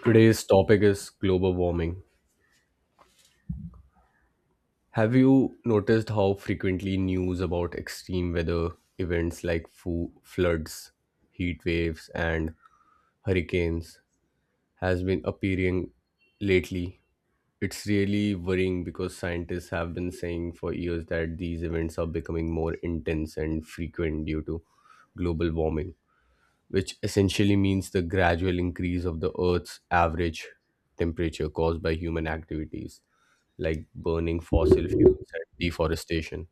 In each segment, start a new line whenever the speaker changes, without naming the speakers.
Today's topic is global warming. Have you noticed how frequently news about extreme weather events like floods, heat waves, and hurricanes has been appearing lately? It's really worrying because scientists have been saying for years that these events are becoming more intense and frequent due to global warming, which essentially means the gradual increase of the Earth's average temperature caused by human activities like burning fossil fuels and deforestation.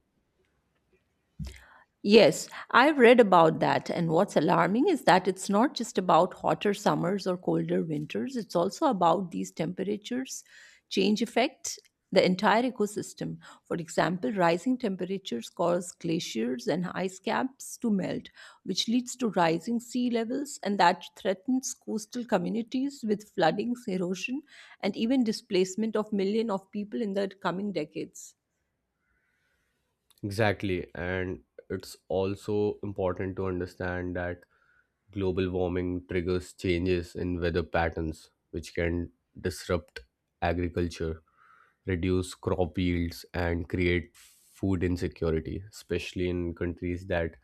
Yes, I've read about that. And what's alarming is that it's not just about hotter summers or colder winters, it's also about these temperatures change affect the entire ecosystem. For example, rising temperatures cause glaciers and ice caps to melt, which leads to rising sea levels, and that threatens coastal communities with flooding, erosion, and even displacement of millions of people in the coming decades.
Exactly. And it's also important to understand that global warming triggers changes in weather patterns, which can disrupt agriculture, reduce crop yields, and create food insecurity, especially in countries that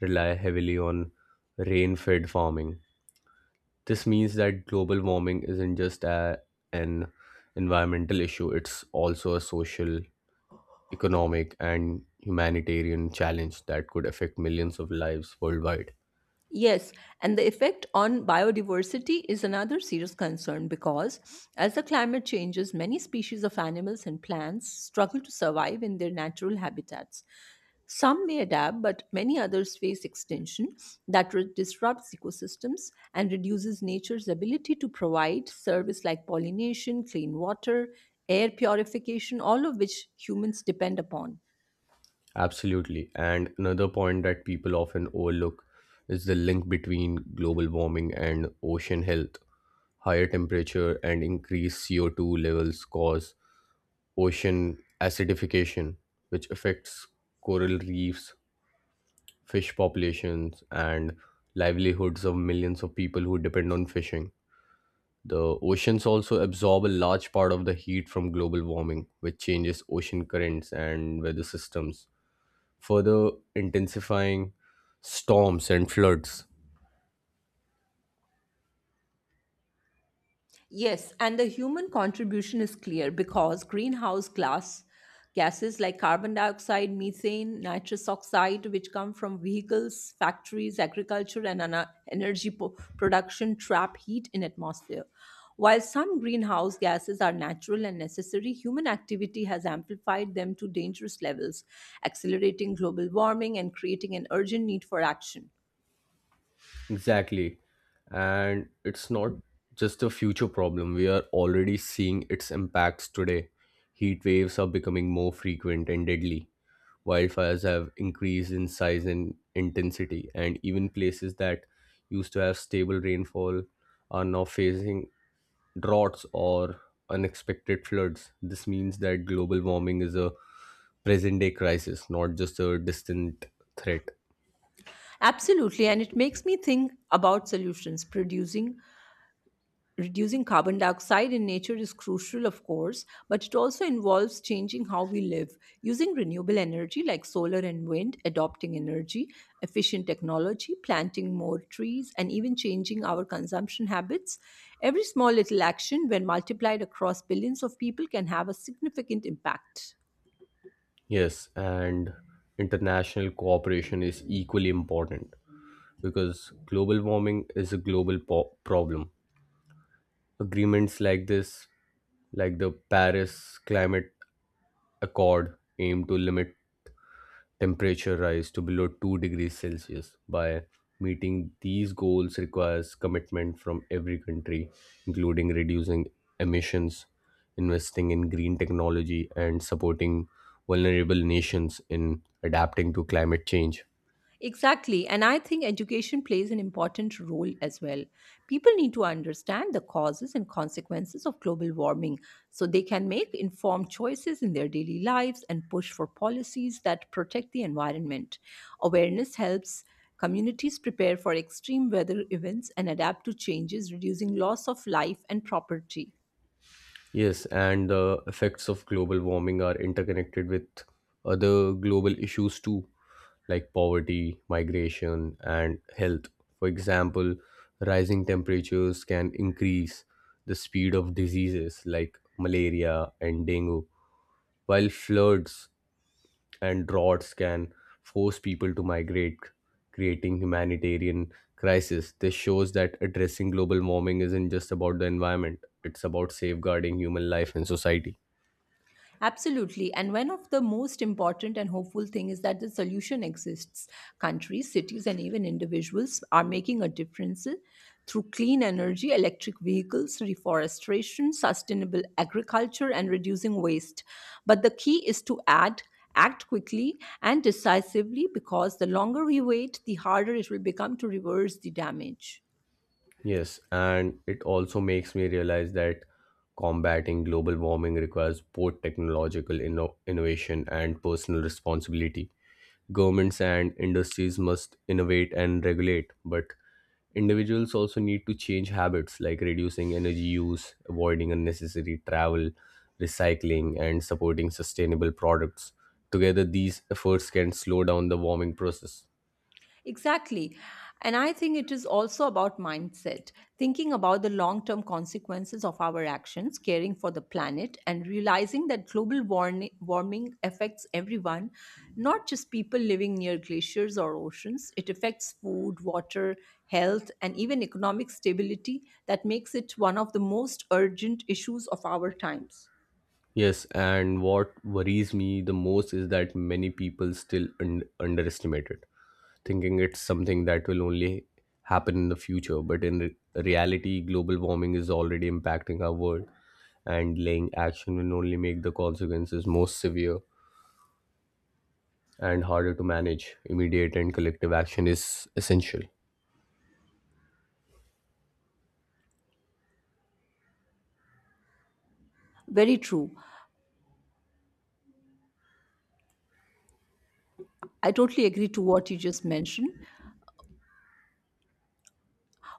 rely heavily on rain fed farming. This means that global warming isn't just an environmental issue, it's also a social, economic, and humanitarian challenge that could affect millions of lives worldwide.
Yes, and the effect on biodiversity is another serious concern because as the climate changes, many species of animals and plants struggle to survive in their natural habitats. Some may adapt, but many others face extinction that disrupts ecosystems and reduces nature's ability to provide service like pollination, clean water, air purification, all of which humans depend upon.
Absolutely. And another point that people often overlook is the link between global warming and ocean health. Higher temperature and increased CO2 levels cause ocean acidification, which affects coral reefs, fish populations, and livelihoods of millions of people who depend on fishing. The oceans also absorb a large part of the heat from global warming, which changes ocean currents and weather systems, further intensifying storms and floods.
Yes, and the human contribution is clear because greenhouse glass gases like carbon dioxide, methane, nitrous oxide, which come from vehicles, factories, agriculture, and energy production, trap heat in atmosphere. While some greenhouse gases are natural and necessary, human activity has amplified them to dangerous levels, accelerating global warming and creating an urgent need for action.
Exactly. And it's not just a future problem, we are already seeing its impacts today. Heat waves are becoming more frequent and deadly, wildfires have increased in size and intensity, and even places that used to have stable rainfall are now facing droughts or unexpected floods. This means that global warming is a present day crisis, not just a distant threat.
Absolutely, and it makes me think about solutions producing Reducing carbon dioxide in nature is crucial, of course, but it also involves changing how we live, using renewable energy like solar and wind, adopting energy efficient technology, planting more trees, and even changing our consumption habits. Every small little action, when multiplied across billions of people, can have a significant impact.
Yes, and international cooperation is equally important because global warming is a global problem. Agreements like this, like the Paris Climate Accord aim to limit temperature rise to below 2 degrees Celsius. By meeting these goals requires commitment from every country, including reducing emissions, investing in green technology, and supporting vulnerable nations in adapting to climate change.
Exactly. And I think education plays an important role as well. People need to understand the causes and consequences of global warming so they can make informed choices in their daily lives and push for policies that protect the environment. Awareness helps communities prepare for extreme weather events and adapt to changes, reducing loss of life and property.
Yes, and the effects of global warming are interconnected with other global issues too, like poverty, migration, and health. For example, rising temperatures can increase the speed of diseases like malaria and dengue, while floods and droughts can force people to migrate, creating humanitarian crisis. This shows that addressing global warming isn't just about the environment; it's about safeguarding human life and society.
Absolutely. And one of the most important and hopeful thing is that the solution exists. Countries, cities, and even individuals are making a difference through clean energy, electric vehicles, reforestation, sustainable agriculture, and reducing waste. But the key is to add act quickly and decisively because the longer we wait the harder it will become to reverse the damage.
Yes, and it also makes me realize that combating global warming requires both technological innovation and personal responsibility. Governments and industries must innovate and regulate, but individuals also need to change habits like reducing energy use, avoiding unnecessary travel, recycling, and supporting sustainable products. Together, these efforts can slow down the warming process.
Exactly. And I think it is also about mindset, thinking about the long term consequences of our actions, caring for the planet, and realizing that global warming affects everyone, not just people living near glaciers or oceans. It affects food, water, health, and even economic stability that makes it one of the most urgent issues of our times.
Yes, and what worries me the most is that many people still underestimate it, thinking it's something that will only happen in the future. But in reality, global warming is already impacting our world, and laying action will only make the consequences more severe and harder to manage. Immediate and collective action is essential.
Very true. I totally agree to what you just mentioned.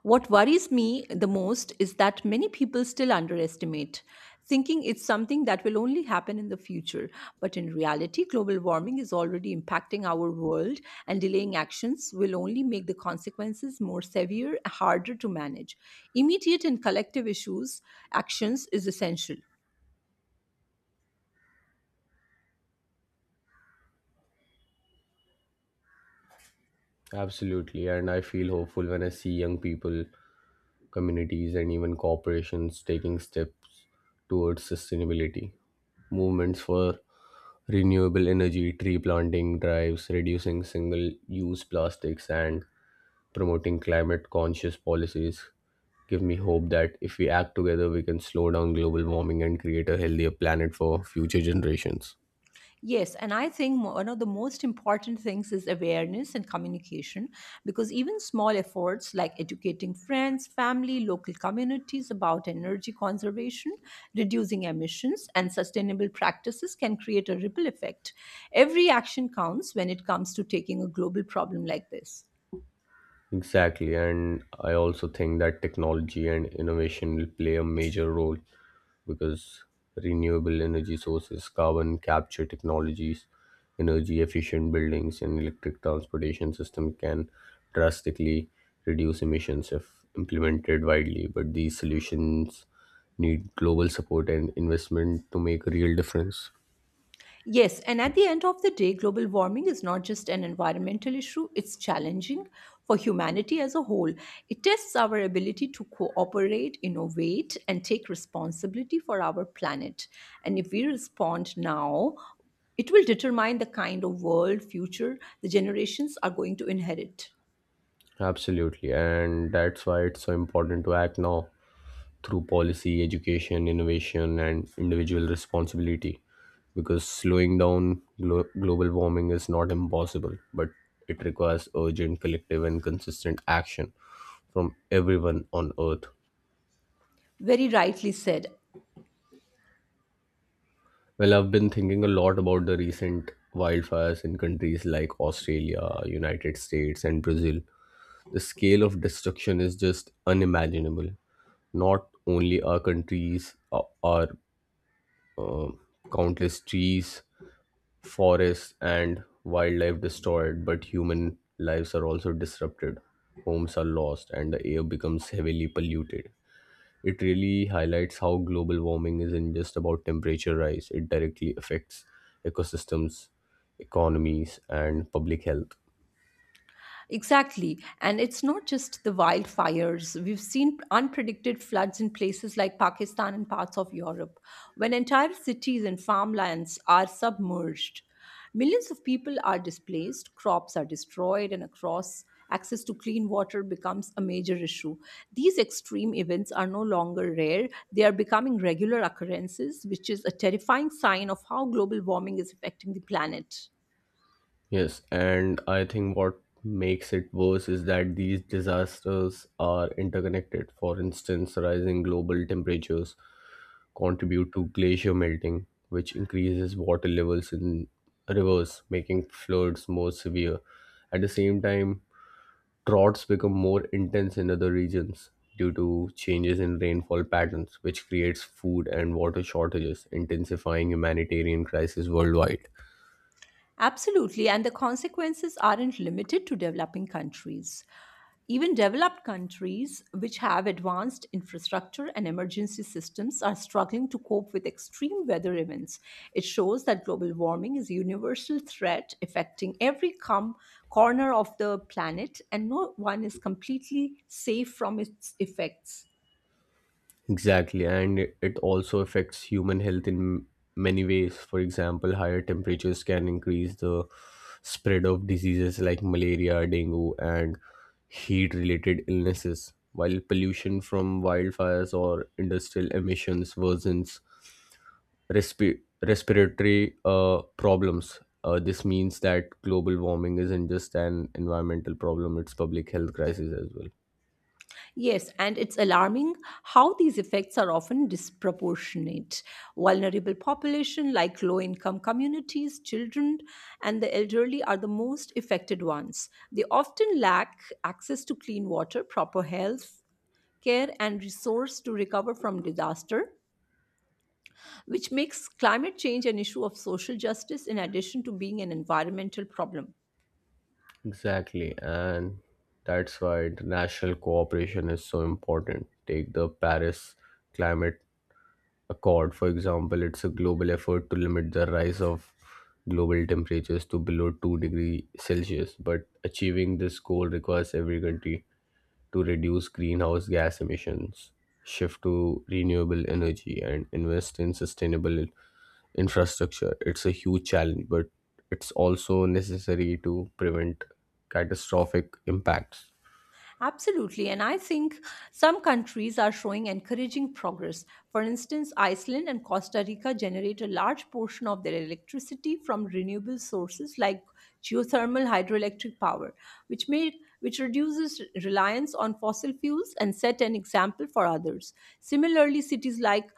What worries me the most is that many people still underestimate, thinking it's something that will only happen in the future. But in reality, global warming is already impacting our world, and delaying actions will only make the consequences more severe, harder to manage. Immediate and collective issues actions is essential.
Absolutely, and I feel hopeful when I see young people, communities, and even corporations taking steps towards sustainability. Movements for renewable energy, tree planting drives, reducing single use plastics, and promoting climate conscious policies give me hope that if we act together we can slow down global warming and create a healthier planet for future generations.
Yes, and I think one of the most important things is awareness and communication because even small efforts like educating friends, family, local communities about energy conservation, reducing emissions, and sustainable practices can create a ripple effect. Every action counts when it comes to taking a global problem like this.
Exactly, and I also think that technology and innovation will play a major role because renewable energy sources, carbon capture technologies, energy efficient buildings, and electric transportation system can drastically reduce emissions if implemented widely. But these solutions need global support and investment to make a real difference.
Yes, and at the end of the day, global warming is not just an environmental issue, it's challenging for humanity as a whole. It tests our ability to cooperate, innovate, and take responsibility for our planet. And if we respond now, it will determine the kind of world future the generations are going to inherit.
Absolutely, and that's why it's so important to act now through policy, education, innovation, and individual responsibility. Because slowing down global warming is not impossible, but it requires urgent, collective, and consistent action from everyone on Earth.
Very rightly said.
Well, I've been thinking a lot about the recent wildfires in countries like Australia, United States, and Brazil. The scale of destruction is just unimaginable. Not only our countries, our uh, countless trees, forests and wildlife destroyed, but human lives are also disrupted. Homes are lost, and the air becomes heavily polluted. It really highlights how global warming isn't just about temperature rise, it directly affects ecosystems, economies, and public health.
Exactly. And it's not just the wildfires. We've seen unpredicted floods in places like Pakistan and parts of Europe, when entire cities and farmlands are submerged. Millions of people are displaced, crops are destroyed, and across access to clean water becomes a major issue. These extreme events are no longer rare, they are becoming regular occurrences, which is a terrifying sign of how global warming is affecting the planet.
Yes, and I think what makes it worse is that these disasters are interconnected. For instance, rising global temperatures contribute to glacier melting, which increases water levels in rivers, making floods more severe. At the same time, droughts become more intense in other regions due to changes in rainfall patterns, which creates food and water shortages, intensifying humanitarian crises worldwide.
Absolutely, and the consequences aren't limited to developing countries. Even developed countries, which have advanced infrastructure and emergency systems, are struggling to cope with extreme weather events. It shows that global warming is a universal threat affecting every corner of the planet, and no one is completely safe from its effects.
Exactly, and it also affects human health in many ways. For example, higher temperatures can increase the spread of diseases like malaria, dengue, and heat related illnesses, while pollution from wildfires or industrial emissions worsens respiratory problems. This means that global warming isn't just an environmental problem, it's public health crisis as well.
Yes, and it's alarming how these effects are often disproportionate. Vulnerable population like low income communities, children, and the elderly are the most affected ones. They often lack access to clean water, proper health care, and resource to recover from disaster, which makes climate change an issue of social justice in addition to being an environmental problem.
Exactly, and that's why international cooperation is so important. Take the Paris Climate Accord, for example, it's a global effort to limit the rise of global temperatures to below 2 degrees Celsius. But achieving this goal requires every country to reduce greenhouse gas emissions, shift to renewable energy, and invest in sustainable infrastructure. It's a huge challenge, but it's also necessary to prevent catastrophic impacts.
Absolutely. And I think some countries are showing encouraging progress. For instance, Iceland and Costa Rica generate a large portion of their electricity from renewable sources like geothermal hydroelectric power, which may which reduces reliance on fossil fuels and set an example for others. Similarly, cities like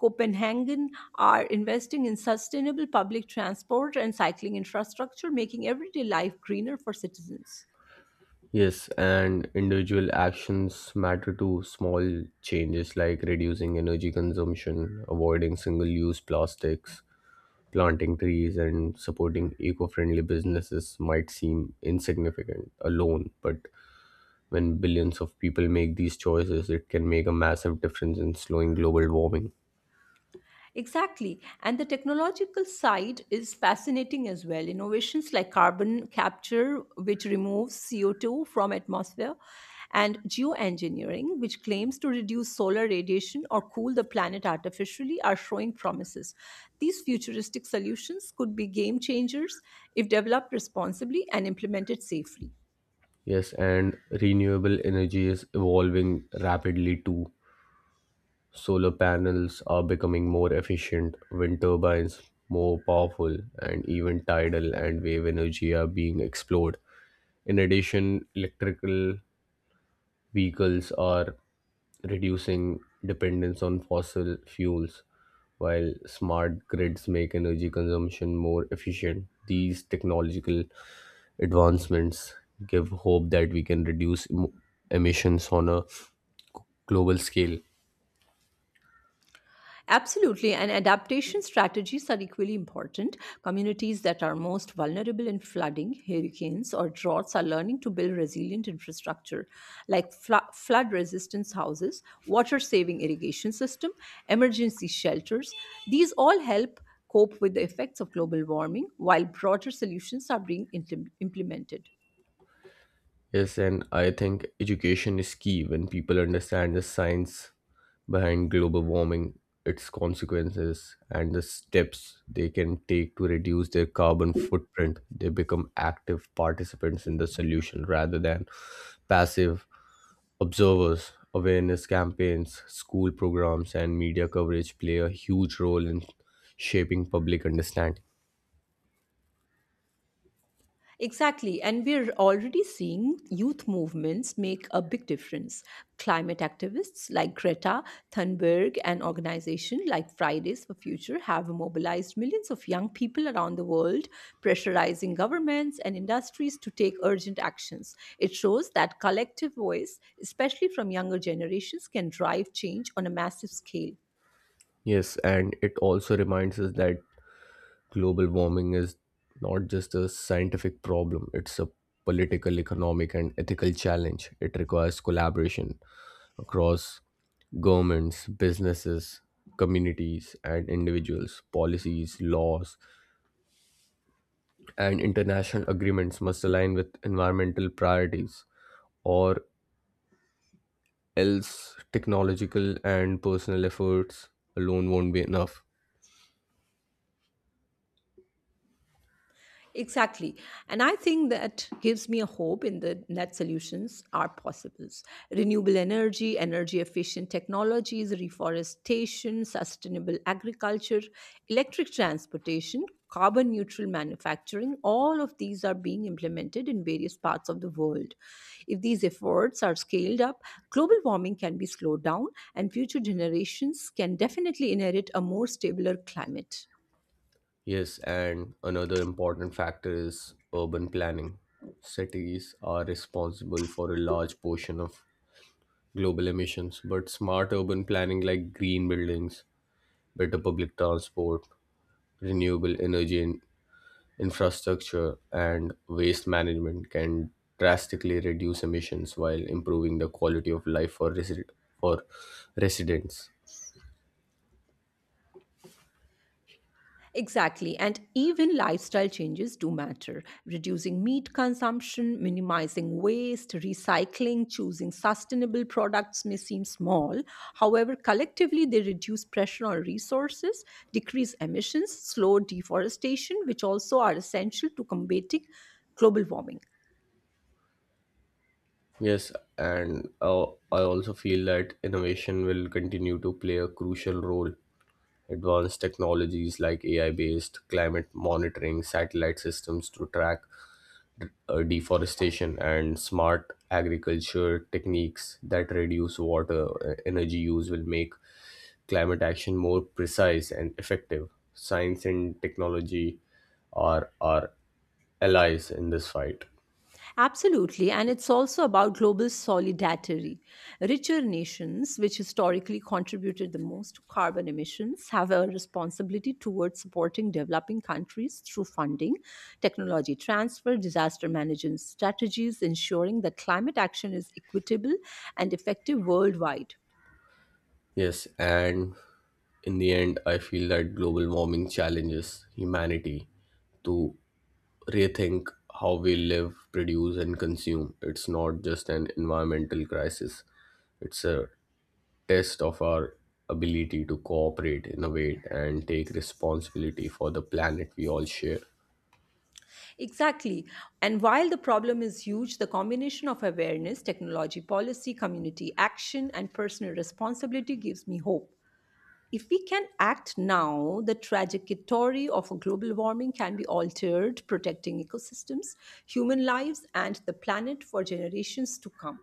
Copenhagen are investing in sustainable public transport and cycling infrastructure, making everyday life greener for citizens.
Yes, and individual actions matter too. Small changes like reducing energy consumption, avoiding single use plastics, planting trees, and supporting eco friendly businesses might seem insignificant alone, but when billions of people make these choices, it can make a massive difference in slowing global warming.
Exactly. And the technological side is fascinating as well. Innovations like carbon capture, which removes CO2 from atmosphere, and geoengineering, which claims to reduce solar radiation or cool the planet artificially, are showing promises. These futuristic solutions could be game changers if developed responsibly and implemented safely.
Yes, and renewable energy is evolving rapidly too. Solar panels are becoming more efficient, wind turbines more powerful, and even tidal and wave energy are being explored. In addition, electrical vehicles are reducing dependence on fossil fuels, while smart grids make energy consumption more efficient. These technological advancements give hope that we can reduce emissions on a global scale.
Absolutely, and adaptation strategies are equally important. Communities that are most vulnerable in flooding, hurricanes, or droughts are learning to build resilient infrastructure like flood resistant houses, water saving irrigation system, emergency shelters. These all help cope with the effects of global warming while broader solutions are being implemented.
Yes, and I think education is key when people understand the science behind global warming, its consequences, and the steps they can take to reduce their carbon footprint. They become active participants in the solution rather than passive observers. Awareness campaigns, school programs, and media coverage play a huge role in shaping public understanding.
Exactly. And we're already seeing youth movements make a big difference. Climate activists like Greta Thunberg and organizations like Fridays for Future have mobilized millions of young people around the world, pressurizing governments and industries to take urgent actions. It shows that collective voice, especially from younger generations, can drive change on a massive scale.
Yes, and it also reminds us that global warming is not just a scientific problem, it's a political, economic, and ethical challenge. It requires collaboration across governments, businesses, communities, and individuals. Policies, laws, and international agreements must align with environmental priorities, or else technological and personal efforts alone won't be enough.
Exactly. And I think that gives me a hope in the net solutions are possible. Renewable energy, energy efficient technologies, reforestation, sustainable agriculture, electric transportation, carbon neutral manufacturing, all of these are being implemented in various parts of the world. If these efforts are scaled up, global warming can be slowed down and future generations can definitely inherit a more stabler climate.
Yes, and another important factor is urban planning. Cities are responsible for a large portion of global emissions, but smart urban planning like green buildings, better public transport, renewable energy infrastructure, and waste management can drastically reduce emissions while improving the quality of life for residents.
Exactly. And even lifestyle changes do matter. Reducing meat consumption, minimizing waste, recycling, choosing sustainable products may seem small. However, collectively, they reduce pressure on resources, decrease emissions, slow deforestation, which also are essential to combating global warming.
Yes, and I also feel that innovation will continue to play a crucial role. Advanced technologies like AI based climate monitoring, satellite systems to track deforestation, and smart agriculture techniques that reduce water energy use will make climate action more precise and effective. Science and technology are our allies in this fight.
Absolutely, and it's also about global solidarity. Richer nations, which historically contributed the most to carbon emissions, have a responsibility towards supporting developing countries through funding, technology transfer, disaster management strategies, ensuring that climate action is equitable and effective worldwide.
Yes, and in the end, I feel that global warming challenges humanity to rethink how we live, produce, and consume. It's not just an environmental crisis, it's a test of our ability to cooperate, innovate, and take responsibility for the planet we all share.
Exactly. And while the problem is huge, the combination of awareness, technology policy, community action, and personal responsibility gives me hope. If we can act now, the trajectory of global warming can be altered, protecting ecosystems, human lives, and the planet for generations to come.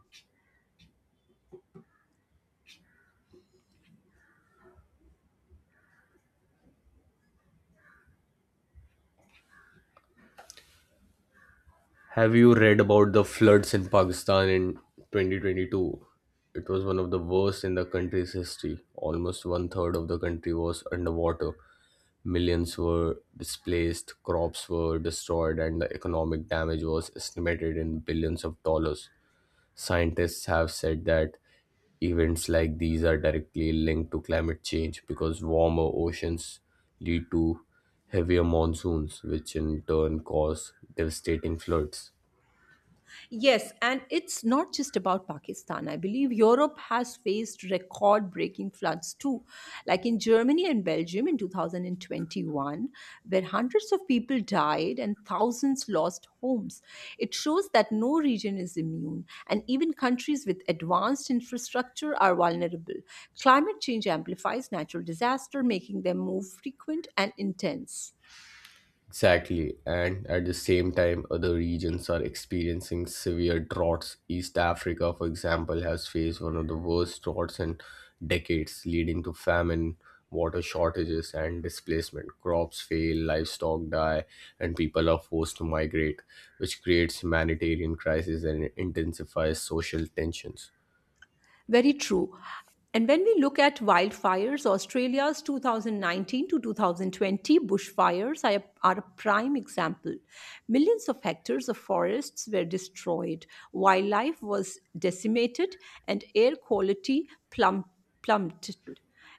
Have you read about the floods in Pakistan in 2022? It was one of the worst in the country's history. Almost one third of the country was underwater. Millions were displaced, crops were destroyed, and the economic damage was estimated in billions of dollars. Scientists have said that events like these are directly linked to climate change because warmer oceans lead to heavier monsoons, which in turn cause devastating floods.
Yes, and it's not just about Pakistan. I believe Europe has faced record breaking floods too, like in Germany and Belgium in 2021, where hundreds of people died and thousands lost homes. It shows that no region is immune, and even countries with advanced infrastructure are vulnerable. Climate change amplifies natural disaster, making them more frequent and intense.
Exactly, and at the same time, other regions are experiencing severe droughts. East Africa, for example, has faced one of the worst droughts in decades, leading to famine, water shortages, and displacement. Crops fail, livestock die, and people are forced to migrate, which creates humanitarian crises and intensifies social tensions.
Very true. And when we look at wildfires, Australia's 2019 to 2020 bushfires are a prime example. Millions of hectares of forests were destroyed, wildlife was decimated, and air quality plummeted.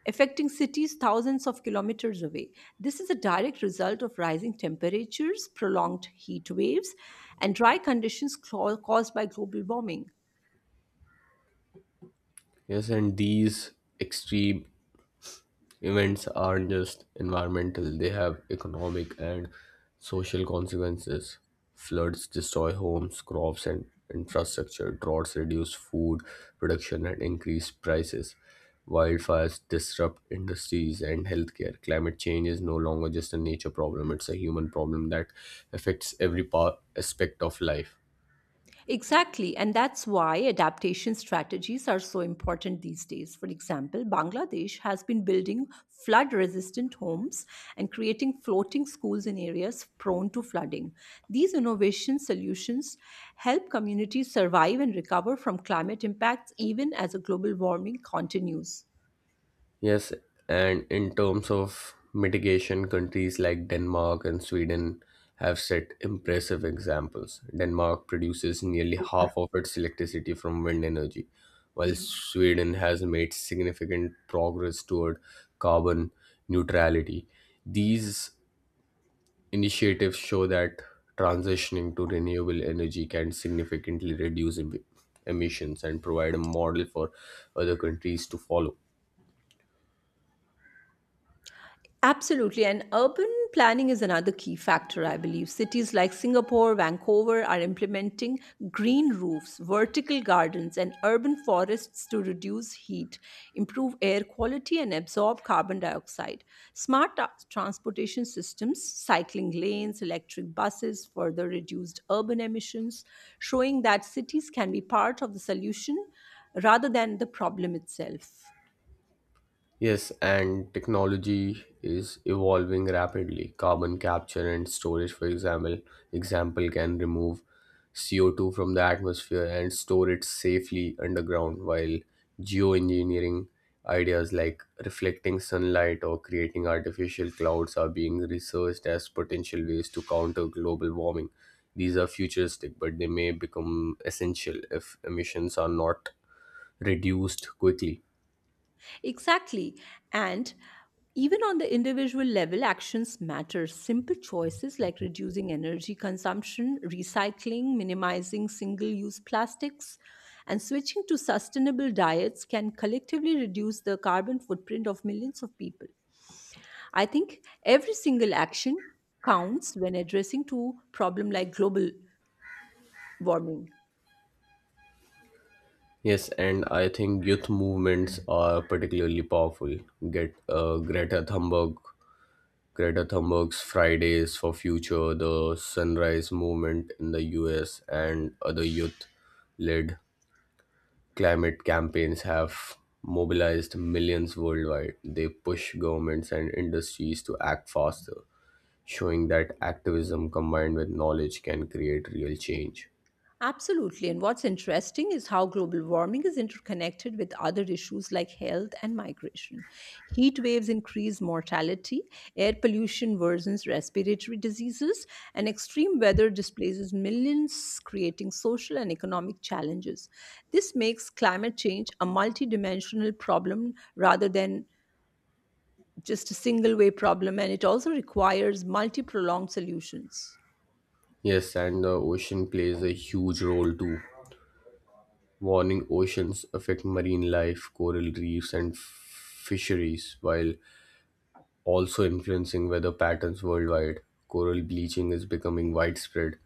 Affecting cities thousands of kilometers away. This is a direct result of rising temperatures, prolonged heat waves, and dry conditions caused by global warming.
Yes, and these extreme events aren't just environmental, they have economic and social consequences. Floods destroy homes, crops, and infrastructure. Droughts reduce food production and increase prices. Wildfires disrupt industries and healthcare. Climate change is no longer just a nature problem, it's a human problem that affects every aspect of life.
Exactly. And that's why adaptation strategies are so important these days. For example, Bangladesh has been building flood resistant homes and creating floating schools in areas prone to flooding. These innovation solutions help communities survive and recover from climate impacts even as a global warming continues.
Yes, and in terms of mitigation, countries like Denmark and Sweden have set impressive examples. Denmark produces nearly half of its electricity from wind energy, while Sweden has made significant progress toward carbon neutrality. These initiatives show that transitioning to renewable energy can significantly reduce emissions and provide a model for other countries to follow.
Absolutely. And urban planning is another key factor, I believe. Cities like Singapore, Vancouver are implementing green roofs, vertical gardens, and urban forests to reduce heat, improve air quality, and absorb carbon dioxide. Smart transportation systems, cycling lanes, electric buses further reduced urban emissions, showing that cities can be part of the solution rather than the problem itself.
Yes, and technology is evolving rapidly. Carbon capture and storage, for example can remove CO2 from the atmosphere and store it safely underground, while geoengineering ideas like reflecting sunlight or creating artificial clouds are being researched as potential ways to counter global warming. These are futuristic, but they may become essential if emissions are not reduced quickly.
Exactly. And even on the individual level, actions matter. Simple choices like reducing energy consumption, recycling, minimizing single use plastics, and switching to sustainable diets can collectively reduce the carbon footprint of millions of people. I think every single action counts when addressing to problem like global warming.
Yes, and I think youth movements are particularly powerful. Get uh, Greta Thunberg, Greta Thunberg's Fridays for Future, the Sunrise Movement in the U.S., and other youth-led climate campaigns have mobilized millions worldwide. They push governments and industries to act faster, showing that activism combined with knowledge can create real change.
Absolutely. And what's interesting is how global warming is interconnected with other issues like health and migration. Heat waves increase mortality, air pollution worsens respiratory diseases, and extreme weather displaces millions, creating social and economic challenges. This makes climate change a multidimensional problem rather than just a single way problem and it also requires multi prolonged solutions.
Yes, and the ocean plays a huge role too. Warming oceans affect marine life, coral reefs, and fisheries, while also influencing weather patterns worldwide. Coral bleaching is becoming widespread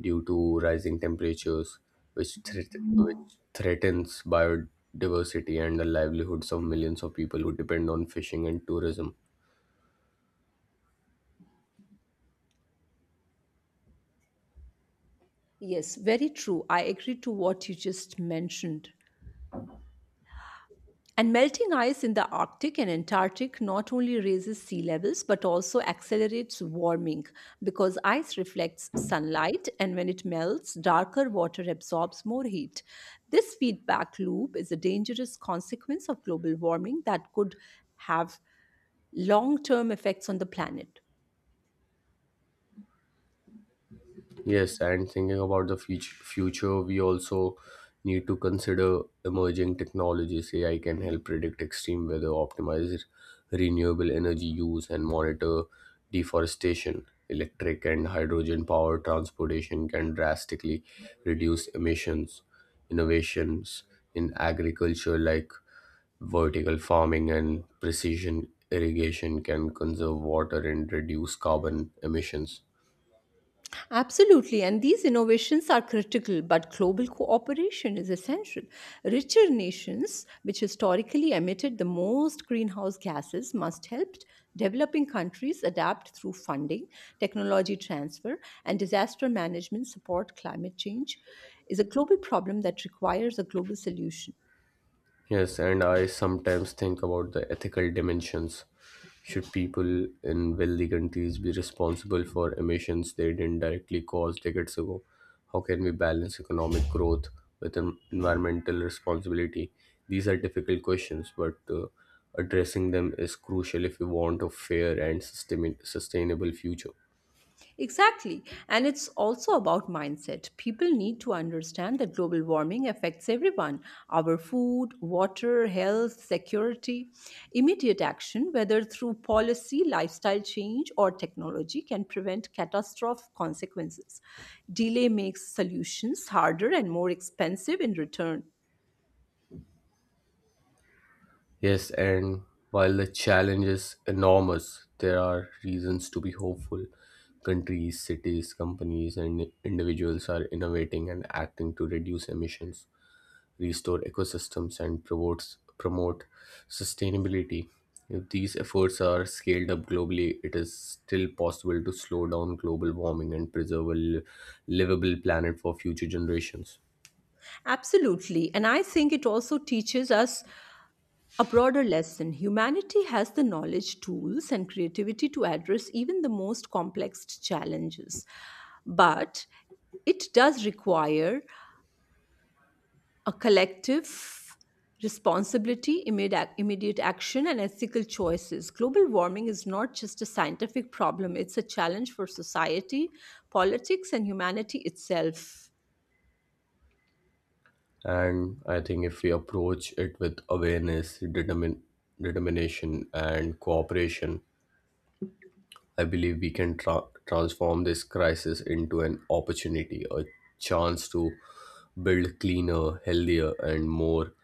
due to rising temperatures, which threatens biodiversity and the livelihoods of millions of people who depend on fishing and tourism.
Yes, very true. I agree to what you just mentioned. And melting ice in the Arctic and Antarctic not only raises sea levels but also accelerates warming because ice reflects sunlight and when it melts, darker water absorbs more heat. This feedback loop is a dangerous consequence of global warming that could have long term effects on the planet.
Yes, and thinking about the future, we also need to consider emerging technologies. AI can help predict extreme weather, optimize renewable energy use, and monitor deforestation. Electric and hydrogen power transportation can drastically reduce emissions. Innovations in agriculture, like vertical farming and precision irrigation, can conserve water and reduce carbon emissions.
Absolutely, and these innovations are critical, but global cooperation is essential. Richer nations, which historically emitted the most greenhouse gases, must help developing countries adapt through funding, technology transfer, and disaster management support. Climate change is a global problem that requires a global solution.
Yes, and I sometimes think about the ethical dimensions. Should people in wealthy countries be responsible for emissions they didn't directly cause decades ago? How can we balance economic growth with environmental responsibility? These are difficult questions, but addressing them is crucial if we want a fair and sustainable future.
Exactly. And it's also about mindset. People need to understand that global warming affects everyone, our food, water, health, security. Immediate action, whether through policy, lifestyle change, or technology, can prevent catastrophic consequences. Delay makes solutions harder and more expensive in return.
Yes, and while the challenge is enormous, there are reasons to be hopeful. Countries, cities, companies, and individuals are innovating and acting to reduce emissions, restore ecosystems, and promote sustainability. If these efforts are scaled up globally, it is still possible to slow down global warming and preserve a livable planet for future generations.
Absolutely. And I think it also teaches us a broader lesson humanity has the knowledge, tools, and creativity to address even the most complex challenges. But it does require a collective responsibility, immediate action, and ethical choices. Global warming is not just a scientific problem, it's a challenge for society, politics, and humanity itself.
And I think if we approach it with awareness, determination, and cooperation, I believe we can transform this crisis into an opportunity, a chance to build cleaner, healthier, and more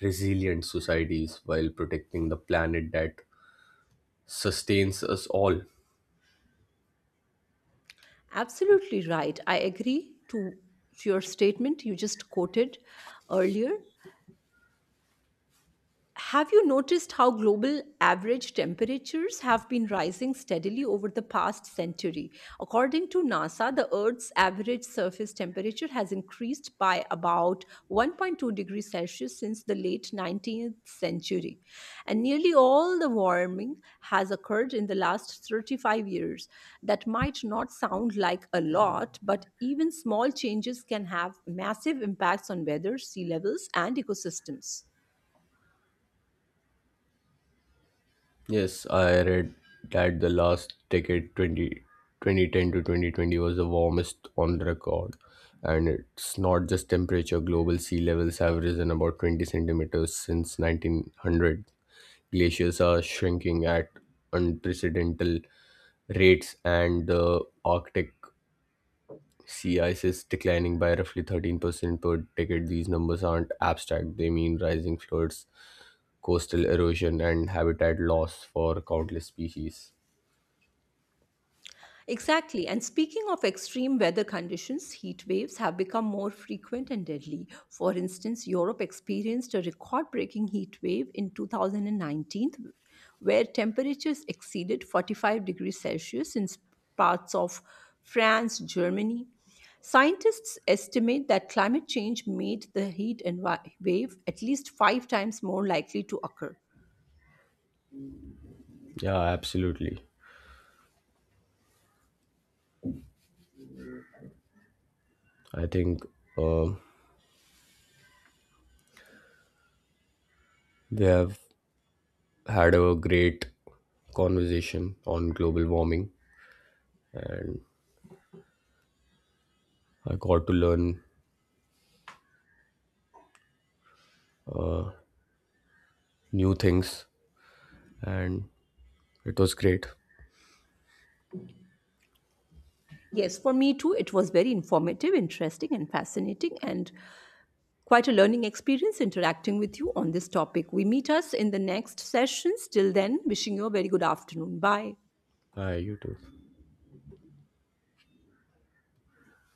resilient societies while protecting the planet that sustains us all.
Absolutely right. I agree to your statement you just quoted earlier. Have you noticed how global average temperatures have been rising steadily over the past century? According to NASA, the Earth's average surface temperature has increased by about 1.2 degrees Celsius since the late 19th century. And nearly all the warming has occurred in the last 35 years. That might not sound like a lot, but even small changes can have massive impacts on weather, sea levels, and ecosystems.
Yes, I read that the last decade, 20 2010 to 2020, was the warmest on record. And it's not just temperature, global sea levels have risen about 20 centimeters since 1900. Glaciers are shrinking at unprecedented rates, and the Arctic sea ice is declining by roughly 13% per decade. These numbers aren't abstract, they mean rising floods, coastal erosion, and habitat loss for countless species.
Exactly. And speaking of extreme weather conditions, heat waves have become more frequent and deadly. For instance, Europe experienced a record breaking heat wave in 2019, where temperatures exceeded 45 degrees Celsius in parts of France, Germany. Scientists estimate that climate change made the heat wave at least 5 times more likely to occur.
Yeah, absolutely. I think uh, we have had a great conversation on global warming, and I got to learn new things, and it was great.
Yes, for me too, it was very informative, interesting, and fascinating. And quite a learning experience interacting with you on this topic. We meet us in the next sessions. Till then, wishing you a very good afternoon. Bye.
Hi, you too.